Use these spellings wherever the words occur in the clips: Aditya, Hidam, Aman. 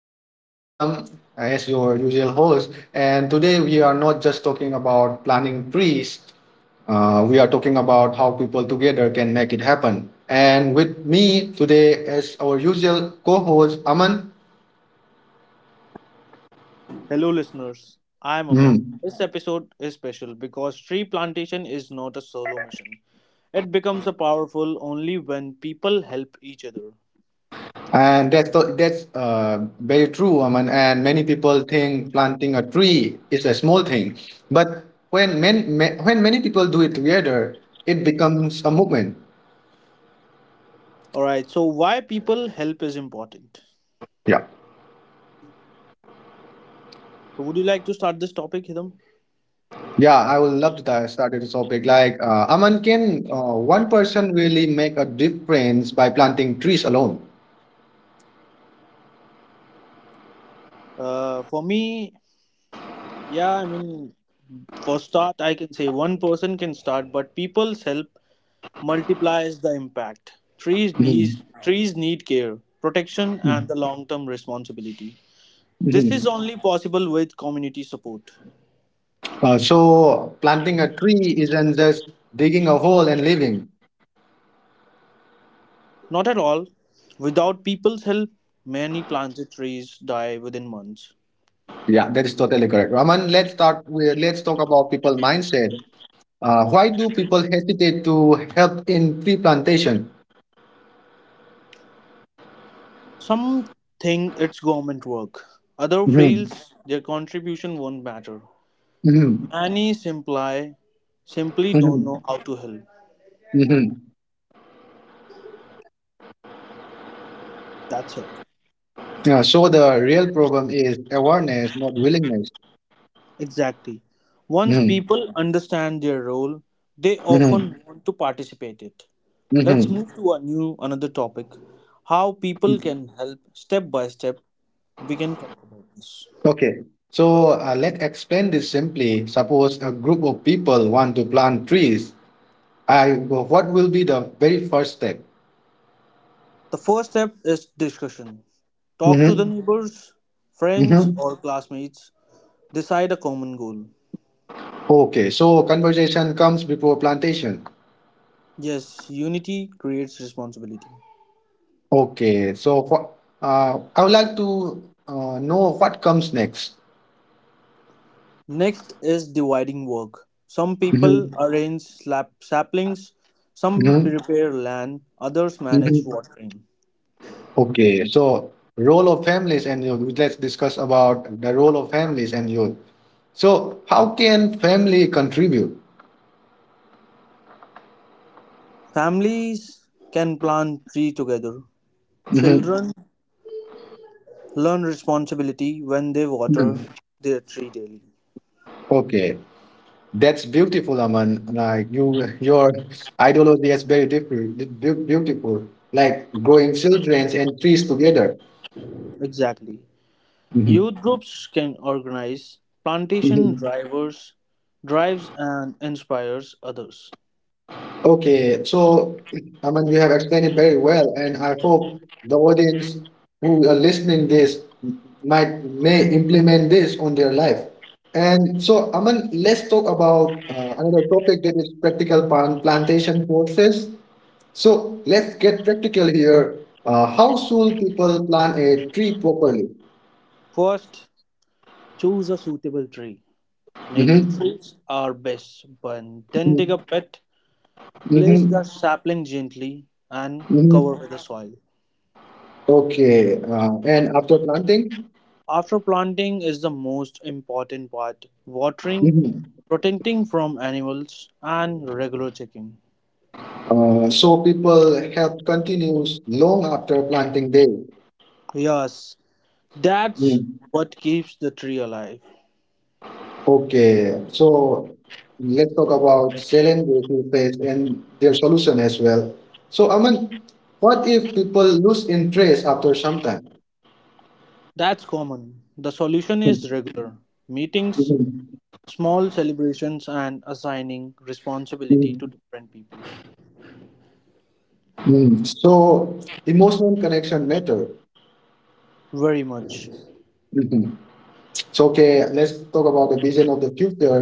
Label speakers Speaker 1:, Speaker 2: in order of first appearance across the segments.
Speaker 1: I am Hidam, as your usual host, and today we are not just talking about planting trees. We are talking about how people together can make it happen. And with me today as our usual co-host Aman.
Speaker 2: Hello, listeners. I am Aman.
Speaker 1: Mm.
Speaker 2: This episode is special because tree plantation is not a solo mission. It becomes a powerful only when people help each other.
Speaker 1: And that's very true, Aman. And many people think planting a tree is a small thing, but when many, when many people do it together, it becomes a movement.
Speaker 2: All right. So, why people help is important.
Speaker 1: Yeah.
Speaker 2: So would you like to start this topic, Hidam?
Speaker 1: Yeah, I would love to start with this topic. Like, Aman, can one person really make a difference by planting trees alone?
Speaker 2: For me, yeah. For start, I can say one person can start, but people's help multiplies the impact.
Speaker 1: Mhm.
Speaker 2: Trees need care, protection, and
Speaker 1: Mhm.
Speaker 2: the long-term responsibility. This is
Speaker 1: Mhm.
Speaker 2: only possible with community support.
Speaker 1: So planting a tree isn't just digging a hole and leaving.
Speaker 2: Not at all. Without people's help, many planted trees die within months.
Speaker 1: Yeah, that is totally correct. Aman, let's start with let's talk about people mindset. Why do people hesitate to help in tree plantation?
Speaker 2: Some think it's government work. Other
Speaker 1: Mhm.
Speaker 2: feels their contribution won't matter.
Speaker 1: Mhm.
Speaker 2: Many simply don't know
Speaker 1: Mhm.
Speaker 2: how to help.
Speaker 1: Mhm.
Speaker 2: That's it.
Speaker 1: Yeah, so the real problem is awareness, not willingness.
Speaker 2: Exactly. Once
Speaker 1: Mhm.
Speaker 2: people understand their role, they
Speaker 1: Mm-hmm.
Speaker 2: often want to participate it. Let's
Speaker 1: Mm-hmm.
Speaker 2: move to a new another topic. How people can help step by step we can talk about this.
Speaker 1: Okay. So let's explain this simply. Suppose a group of people want to plant trees. I What will be the very first step?
Speaker 2: The first step is discussion. Talk to the
Speaker 1: Mm-hmm.
Speaker 2: neighbors, friends,
Speaker 1: Mm-hmm.
Speaker 2: or classmates. Decide a common goal.
Speaker 1: Okay. So conversation comes before plantation.
Speaker 2: Yes, unity creates responsibility.
Speaker 1: Okay. So what? I would like to know what comes next.
Speaker 2: Next is dividing work. Some people
Speaker 1: Mm-hmm.
Speaker 2: arrange slap saplings, some
Speaker 1: Mm-hmm.
Speaker 2: prepare land, others manage watering.
Speaker 1: Okay, so role of families and youth. Let's discuss about the role of families and youth. So, how can family contribute?
Speaker 2: Families can plant tree together.
Speaker 1: Mhm.
Speaker 2: Children learn responsibility when they water their tree daily.
Speaker 1: Okay, that's beautiful, Aman. Like you, your ideology is very different, beautiful. Like growing children and trees together.
Speaker 2: Exactly. Youth groups can organize plantation
Speaker 1: Mhm.
Speaker 2: drivers, drives and inspires others.
Speaker 1: Okay, so I mean you have explained it very well, and I hope the audience who are listening this might may implement this on their life. And so, Aman, let's talk about another topic that is practical plant plantation courses. So let's get practical here. How should people plant a tree properly?
Speaker 2: First, choose a suitable tree. Native
Speaker 1: Mm-hmm.
Speaker 2: trees are best, but then dig a
Speaker 1: Mm-hmm.
Speaker 2: pit, place the
Speaker 1: Mm-hmm.
Speaker 2: sapling gently, and cover
Speaker 1: Mm-hmm.
Speaker 2: with the soil.
Speaker 1: Okay. And after planting?
Speaker 2: After planting is the most important part. Watering,
Speaker 1: Mm-hmm.
Speaker 2: protecting from animals, and regular checking.
Speaker 1: So people health continues long after planting day.
Speaker 2: Yes, that's
Speaker 1: Mm.
Speaker 2: what keeps the tree alive.
Speaker 1: Okay, so let's talk about challenges we face and their solution as well. So Aman, what if people lose interest after some time?
Speaker 2: That's common. The solution
Speaker 1: Mm,
Speaker 2: is regular meetings,
Speaker 1: Mhm.
Speaker 2: small celebrations, and assigning responsibility to
Speaker 1: Mhm.
Speaker 2: different people.
Speaker 1: Mm. So emotional connection matter.
Speaker 2: Very much.
Speaker 1: Mhm. So okay, let's talk about the vision of the future.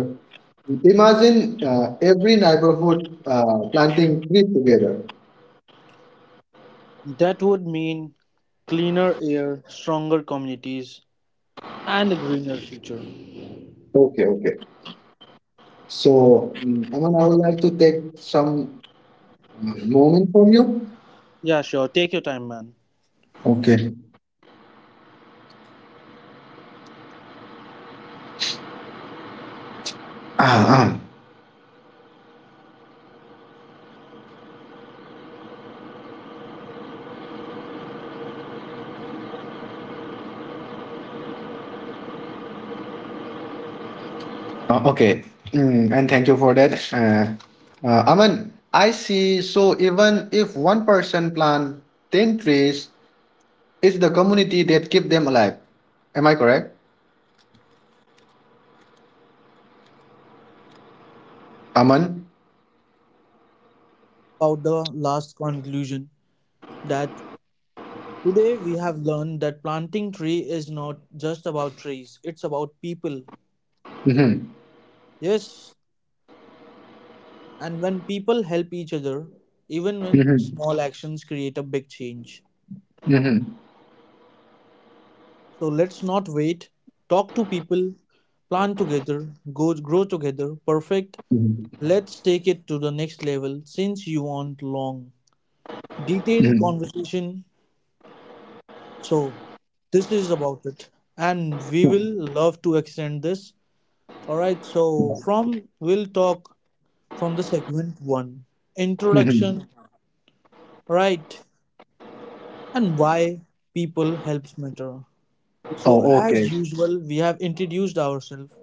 Speaker 1: Imagine every neighborhood planting trees together.
Speaker 2: That would mean cleaner air, stronger communities, and a greener future.
Speaker 1: Okay, okay. So, mm, Aman, I would like to take some mm, moment from you.
Speaker 2: Yeah, sure. Take your time, man.
Speaker 1: Okay. Ah, ah. Okay. Mm, and thank you for that. Aman, I see. So even if one person plant 10 trees, it's the community that keep them alive. Am I correct? Aman?
Speaker 2: About the last conclusion that today we have learned that planting tree is not just about trees, it's about people.
Speaker 1: Mm-hmm.
Speaker 2: Yes, and when people help each other, even when
Speaker 1: Mm-hmm.
Speaker 2: small actions create a big change.
Speaker 1: Mm-hmm.
Speaker 2: So let's not wait. Talk to people, plan together, grow together. Perfect. Let's take it to the next level since you want long, detailed
Speaker 1: Mm-hmm.
Speaker 2: conversation. So this is about it. And we will love to extend this. Alright, so from we'll talk from the segment one
Speaker 1: Mm-hmm.
Speaker 2: introduction. All right. And why people helps matter. So,
Speaker 1: Oh, okay.
Speaker 2: as usual, we have introduced ourselves.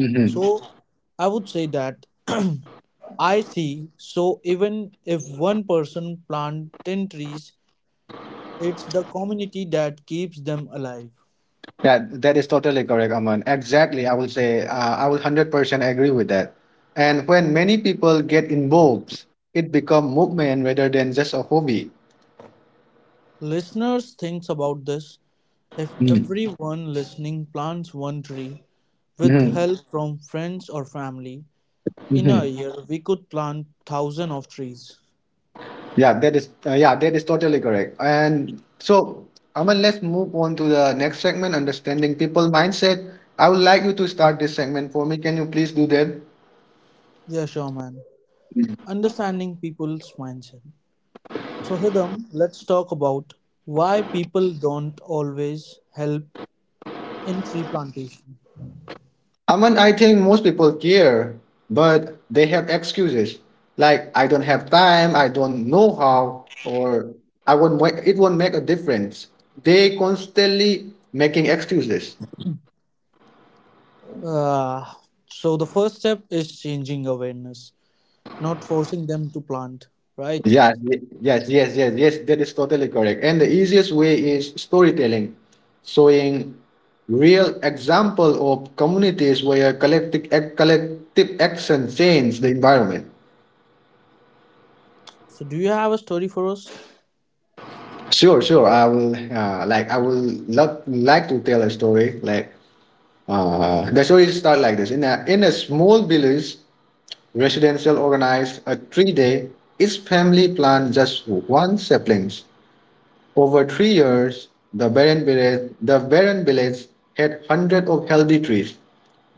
Speaker 1: Mm-hmm.
Speaker 2: So, I would say that I see. So, even if one person plant 10 trees, it's the community that keeps them alive.
Speaker 1: Yeah, that is totally correct, Aman. Exactly. I will say, I will 100% agree with that. And when many people get involved, it become movement rather than just a hobby.
Speaker 2: Listeners thinks about this. If
Speaker 1: Mm.
Speaker 2: everyone listening plants one tree with
Speaker 1: Hmm.
Speaker 2: help from friends or family, in a
Speaker 1: Hmm.
Speaker 2: year we could plant thousand of trees.
Speaker 1: Yeah, that is totally correct. And so, Aman, let's move on to the next segment, understanding people mindset. I would like you to start this segment for me. Can you please do that?
Speaker 2: Yeah, sure, man. Understanding people's mindset. So, Hidam, let's talk about why people don't always help in tree plantation.
Speaker 1: Aman, I think most people care, but they have excuses like I don't have time, I don't know how, or I won't make it won't make a difference. They constantly making excuses.
Speaker 2: Uh, so, the first step is changing awareness, not forcing them to plant, right?
Speaker 1: Yes, yes, yes, yes. That is totally correct. And the easiest way is storytelling, showing real example of communities where collective action change the environment.
Speaker 2: So, do you have a story for us?
Speaker 1: Sure, sure. I will I will love like to tell a story. Like the story start like this: in a small village, residential organized a 3 day. Each family plant just one saplings. Over 3 years, the barren village had hundreds of healthy trees,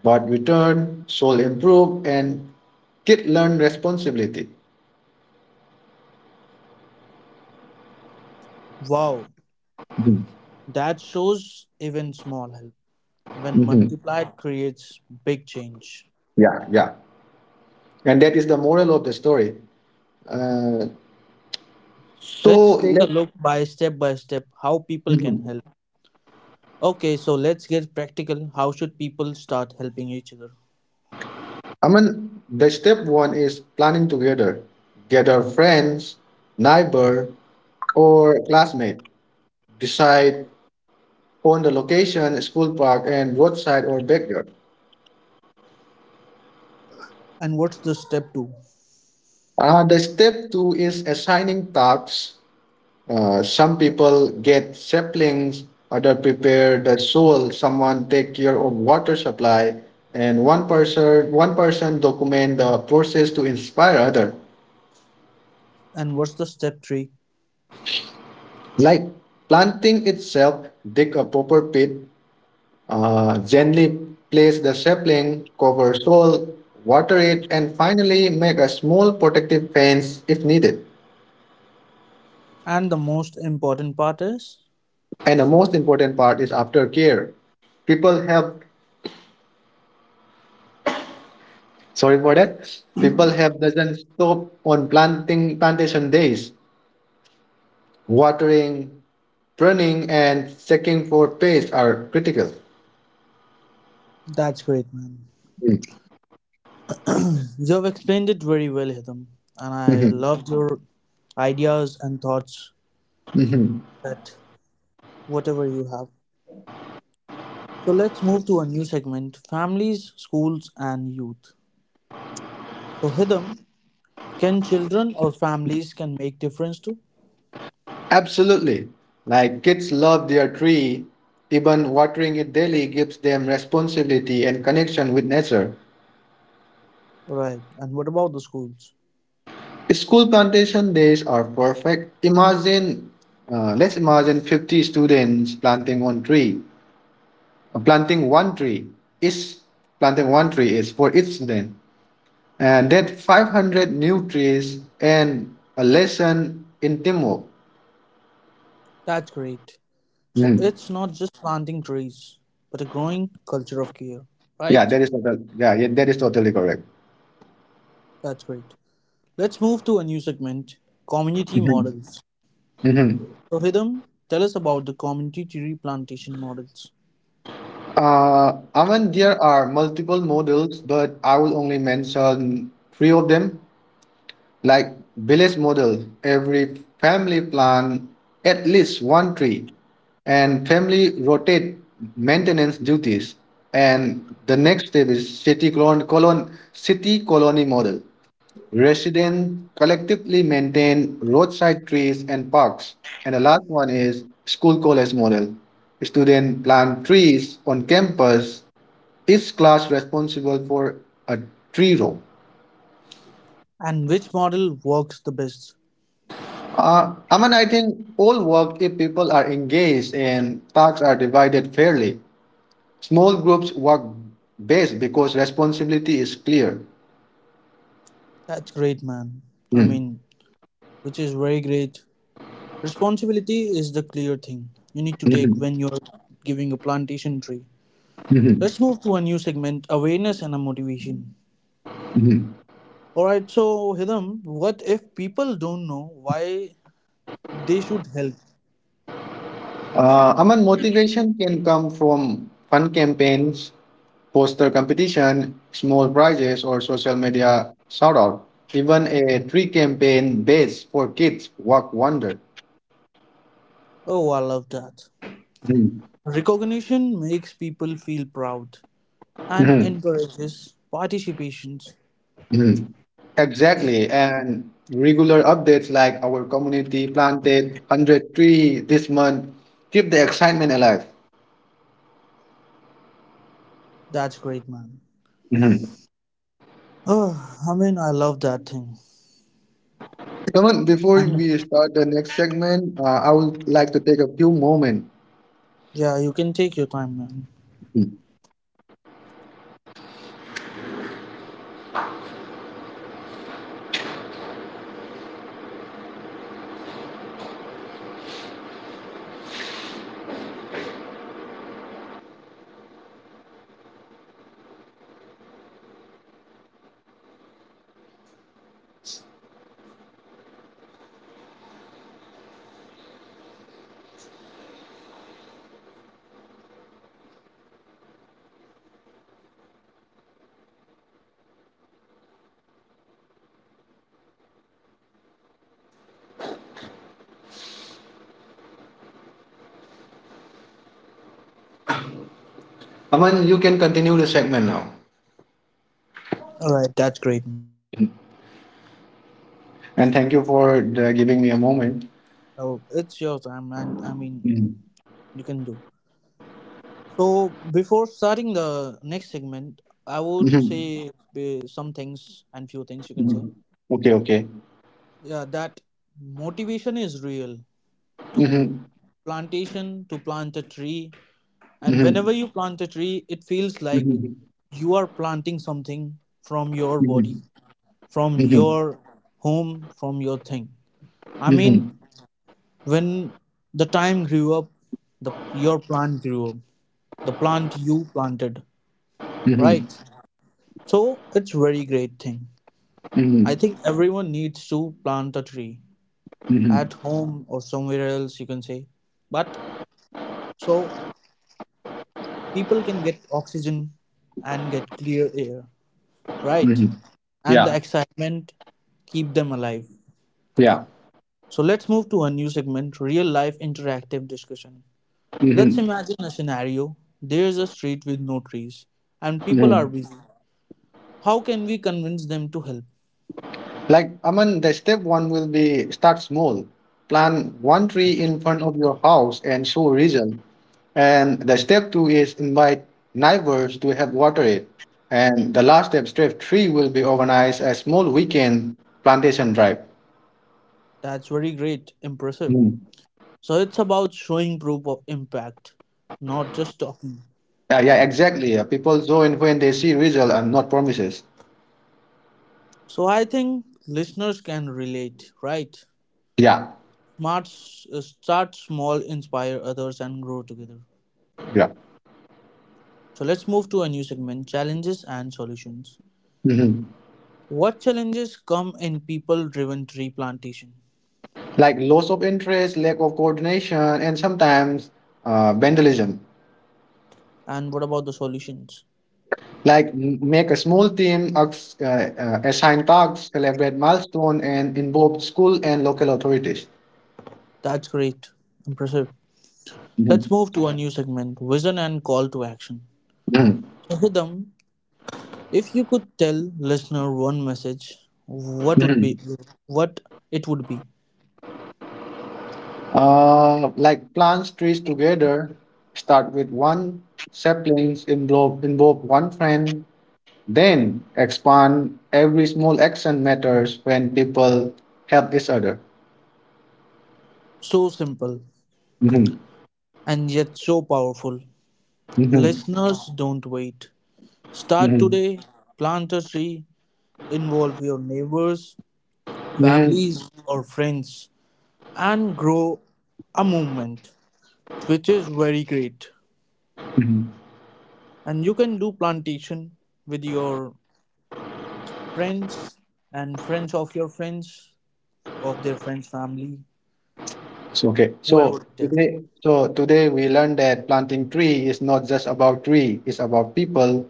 Speaker 1: but returned, soil improved, and kid learned responsibility.
Speaker 2: Wow,
Speaker 1: Mhm.
Speaker 2: that shows even small help when
Speaker 1: Mhm.
Speaker 2: multiplied creates big change.
Speaker 1: Yeah, yeah. And that is the moral of the story. Uh, So
Speaker 2: Let's take a
Speaker 1: let's.
Speaker 2: look by step how people can
Speaker 1: Mhm.
Speaker 2: help. Okay, so let's get practical. How should people start helping each other?
Speaker 1: I mean, the step one is planning together. Gather friends, neighbor, or classmate. Decide on the location, school park, and roadside or backyard.
Speaker 2: And what's the step two?
Speaker 1: The step two is assigning tasks. Some people get saplings, other prepare the soil, someone take care of water supply, and one person document the process to inspire other.
Speaker 2: And what's the step three?
Speaker 1: Like planting itself, dig a proper pit, gently place the sapling, cover soil, water it, and finally make a small protective fence if needed.
Speaker 2: And the most important part is
Speaker 1: And the most important part is aftercare. People have, sorry for that, people have doesn't stop on planting plantation days. Watering, pruning, and checking for pests are critical.
Speaker 2: that's great, man. You've explained it very well, Hitham. And I
Speaker 1: Mhm.
Speaker 2: loved your ideas and thoughts
Speaker 1: Mhm.
Speaker 2: that whatever you have. So let's move to a new segment families, schools, and youth. So, Hitham, can children or families can make difference too?
Speaker 1: Absolutely. Like kids love their tree. Even watering it daily gives them responsibility and connection with nature.
Speaker 2: Right. And what about the schools?
Speaker 1: School plantation days are perfect. Let's imagine 50 students planting one tree, uh, planting one tree is planting one tree is for each student, and that 500 new trees and a lesson in teamwork.
Speaker 2: That's great. So
Speaker 1: Mm.
Speaker 2: it's not just planting trees, but a growing culture of care, right?
Speaker 1: Yeah, that is totally correct.
Speaker 2: That's great. Let's move to a new segment community
Speaker 1: Mhm.
Speaker 2: models.
Speaker 1: Mhm.
Speaker 2: So, Hidam, tell us about the community tree plantation models
Speaker 1: I mean, there are multiple models, but I will only mention three of them. Like village model, every family plant at least one tree, and family rotate maintenance duties. And the next step is city colony model. Residents collectively maintain roadside trees and parks. And the last one is school college model. Students plant trees on campus is class responsible for a tree row?
Speaker 2: and which model works the best.
Speaker 1: I mean, I think all work if people are engaged and tasks are divided fairly. Small groups work best because responsibility is clear.
Speaker 2: That's great, man. I mean,
Speaker 1: Mm.
Speaker 2: which is very great. Responsibility is the clear thing you need to take when
Speaker 1: Mhm.
Speaker 2: you're giving a plantation tree.
Speaker 1: Mhm.
Speaker 2: Let's move to a new segment awareness and a motivation.
Speaker 1: Mhm.
Speaker 2: All right, so Hidam, what if people don't know why they should help?
Speaker 1: I mean, motivation can come from fun campaigns, poster competition, small prizes, or social media shout out. Even a tree campaign base for kids work wonder.
Speaker 2: Oh, I love that.
Speaker 1: Mhm.
Speaker 2: Recognition makes people feel proud and
Speaker 1: Mhm.
Speaker 2: encourages participations.
Speaker 1: Mhm. Exactly. And regular updates like our community planted 100 tree this month keep the excitement alive.
Speaker 2: That's great, man.
Speaker 1: Mhm.
Speaker 2: Oh, I mean, I love that thing.
Speaker 1: Aman, before
Speaker 2: And
Speaker 1: we start the next segment, I would like to take a few moments.
Speaker 2: yeah, you can take your time, man.
Speaker 1: Aman, you can continue the segment now.
Speaker 2: All right, that's great, man. Let's move to a new segment
Speaker 1: And
Speaker 2: seven.
Speaker 1: thank you for the, giving me a moment.
Speaker 2: Oh, it's your time, man. I mean,
Speaker 1: Mhm.
Speaker 2: you can do. So before starting the next segment, I would
Speaker 1: Mhm.
Speaker 2: say some things and few things you can say.
Speaker 1: Mhm. Okay, okay.
Speaker 2: Yeah, that motivation is real to
Speaker 1: Mhm.
Speaker 2: plantation, to plant a tree. And whenever
Speaker 1: Mhm.
Speaker 2: you plant a tree, it feels like
Speaker 1: Mhm.
Speaker 2: you are planting something from your body,
Speaker 1: Mhm.
Speaker 2: from
Speaker 1: Mhm.
Speaker 2: your home, from your thing. I
Speaker 1: Mhm.
Speaker 2: mean, when the time grew up, the your plant grew up. The plant you planted,
Speaker 1: Mhm.
Speaker 2: right? So it's very great thing. I
Speaker 1: Mhm.
Speaker 2: think everyone needs to plant a tree
Speaker 1: Mhm.
Speaker 2: at home or somewhere else you can say. But so people can get oxygen and get clear air, right?
Speaker 1: Mhm.
Speaker 2: And the
Speaker 1: Yeah.
Speaker 2: excitement keep them alive.
Speaker 1: Yeah.
Speaker 2: So let's move to a new segment, real life interactive discussion. Let's
Speaker 1: Hmm.
Speaker 2: imagine a scenario. There's a street with no trees and people are
Speaker 1: Hmm.
Speaker 2: busy. How can we convince them to help?
Speaker 1: Like, I mean, the step one will be start small. Plant one tree in front of your house and show result. And the step two is invite neighbors to help water it. And the last step, step three, will be organize a small weekend plantation drive.
Speaker 2: That's very great, impressive.
Speaker 1: Mm.
Speaker 2: So it's about showing proof of impact, not just talking.
Speaker 1: Yeah, yeah, exactly. Yeah. People join when they see result and not promises.
Speaker 2: So I think listeners can relate, right?
Speaker 1: Yeah,
Speaker 2: Smart, start small, inspire others, and grow together.
Speaker 1: yeah.
Speaker 2: So let's move to a new segment challenges and solutions.
Speaker 1: Hmm.
Speaker 2: What challenges come in people driven tree plantation?
Speaker 1: Like loss of interest, lack of coordination, and sometimes vandalism.
Speaker 2: And what about the solutions?
Speaker 1: Like make a small team, assign tasks, celebrate milestone, and involve school and local authorities.
Speaker 2: That's great. Impressive. Let's
Speaker 1: Mhm,
Speaker 2: move to a new segment vision and call to action.
Speaker 1: mhm,
Speaker 2: So, Hidam, if you could tell listener one message,
Speaker 1: mhm.
Speaker 2: what it would be?
Speaker 1: Like plant trees together, start with one saplings, involve one friend, then expand. Every small action matters when people help each other.
Speaker 2: So simple
Speaker 1: Mhm,
Speaker 2: and yet so powerful.
Speaker 1: mhm,
Speaker 2: Listeners, don't wait. Start
Speaker 1: mhm,
Speaker 2: today. Plant a tree. Involve your neighbors,
Speaker 1: mhm,
Speaker 2: families, or friends, and grow a movement, which is very great.
Speaker 1: mhm.
Speaker 2: And you can do plantation with your friends and friends of your friends, of their friends' family,
Speaker 1: So, okay.
Speaker 2: whoever it is.
Speaker 1: So today we learned that planting tree is not just about tree; it's about people.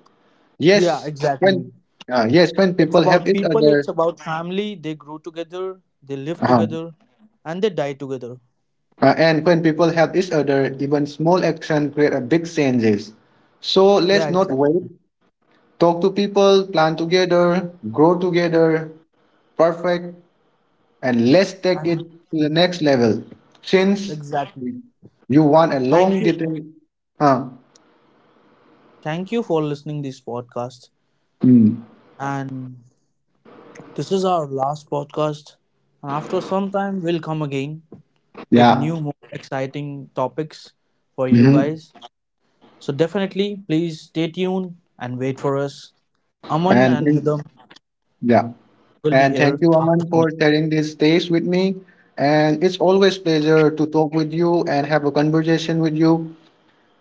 Speaker 2: Yeah,
Speaker 1: Yes, when
Speaker 2: exactly.
Speaker 1: yes, when
Speaker 2: It's
Speaker 1: people help
Speaker 2: about
Speaker 1: each
Speaker 2: people, it's
Speaker 1: other,
Speaker 2: about family. They grow together, they live
Speaker 1: uh-huh.
Speaker 2: together, and they die together.
Speaker 1: And when people help each other, even small action create a big changes. So let's
Speaker 2: Yeah,
Speaker 1: not wait. Talk to people, plan together, grow together, perfect, and let's take it
Speaker 2: exactly.
Speaker 1: to the next level. Since
Speaker 2: Exactly.
Speaker 1: you want a
Speaker 2: Thank
Speaker 1: long
Speaker 2: you.
Speaker 1: detail, huh?
Speaker 2: Thank you for listening this podcast.
Speaker 1: Mm,
Speaker 2: And this is our last podcast. And after some time, we'll come again with
Speaker 1: yeah.
Speaker 2: new, more exciting topics for you
Speaker 1: Mm-hmm.
Speaker 2: guys. So definitely, please stay tuned and wait for us. Aman and
Speaker 1: And thank,
Speaker 2: Hidam
Speaker 1: yeah,
Speaker 2: will be
Speaker 1: and
Speaker 2: here.
Speaker 1: thank you, Aman, for sharing this space with me. And it's always pleasure to talk with you and have a conversation with you.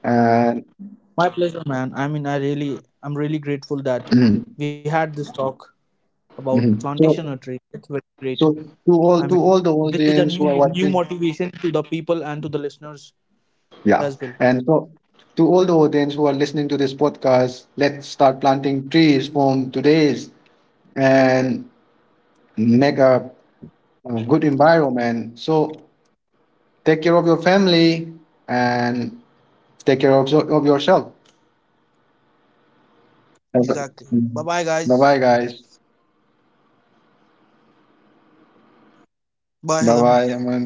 Speaker 1: And
Speaker 2: My pleasure, man. I mean, I really, I'm really grateful that we had this talk about plantation
Speaker 1: Mhm.
Speaker 2: nursery. It's very great.
Speaker 1: So
Speaker 2: I mean,
Speaker 1: to
Speaker 2: this
Speaker 1: all
Speaker 2: is
Speaker 1: the
Speaker 2: a
Speaker 1: audience
Speaker 2: new
Speaker 1: who are watching,
Speaker 2: motivation to the people and to the listeners as well.
Speaker 1: yeah, and so to all the audience who are listening to this podcast, let's start planting trees from today's and make a good environment. So take care of your family and take care of yourself.
Speaker 2: Exactly. Bye, bye, guys.
Speaker 1: Bye bye, guys.
Speaker 2: Bye, Hidam.
Speaker 1: Bye bye, Aman.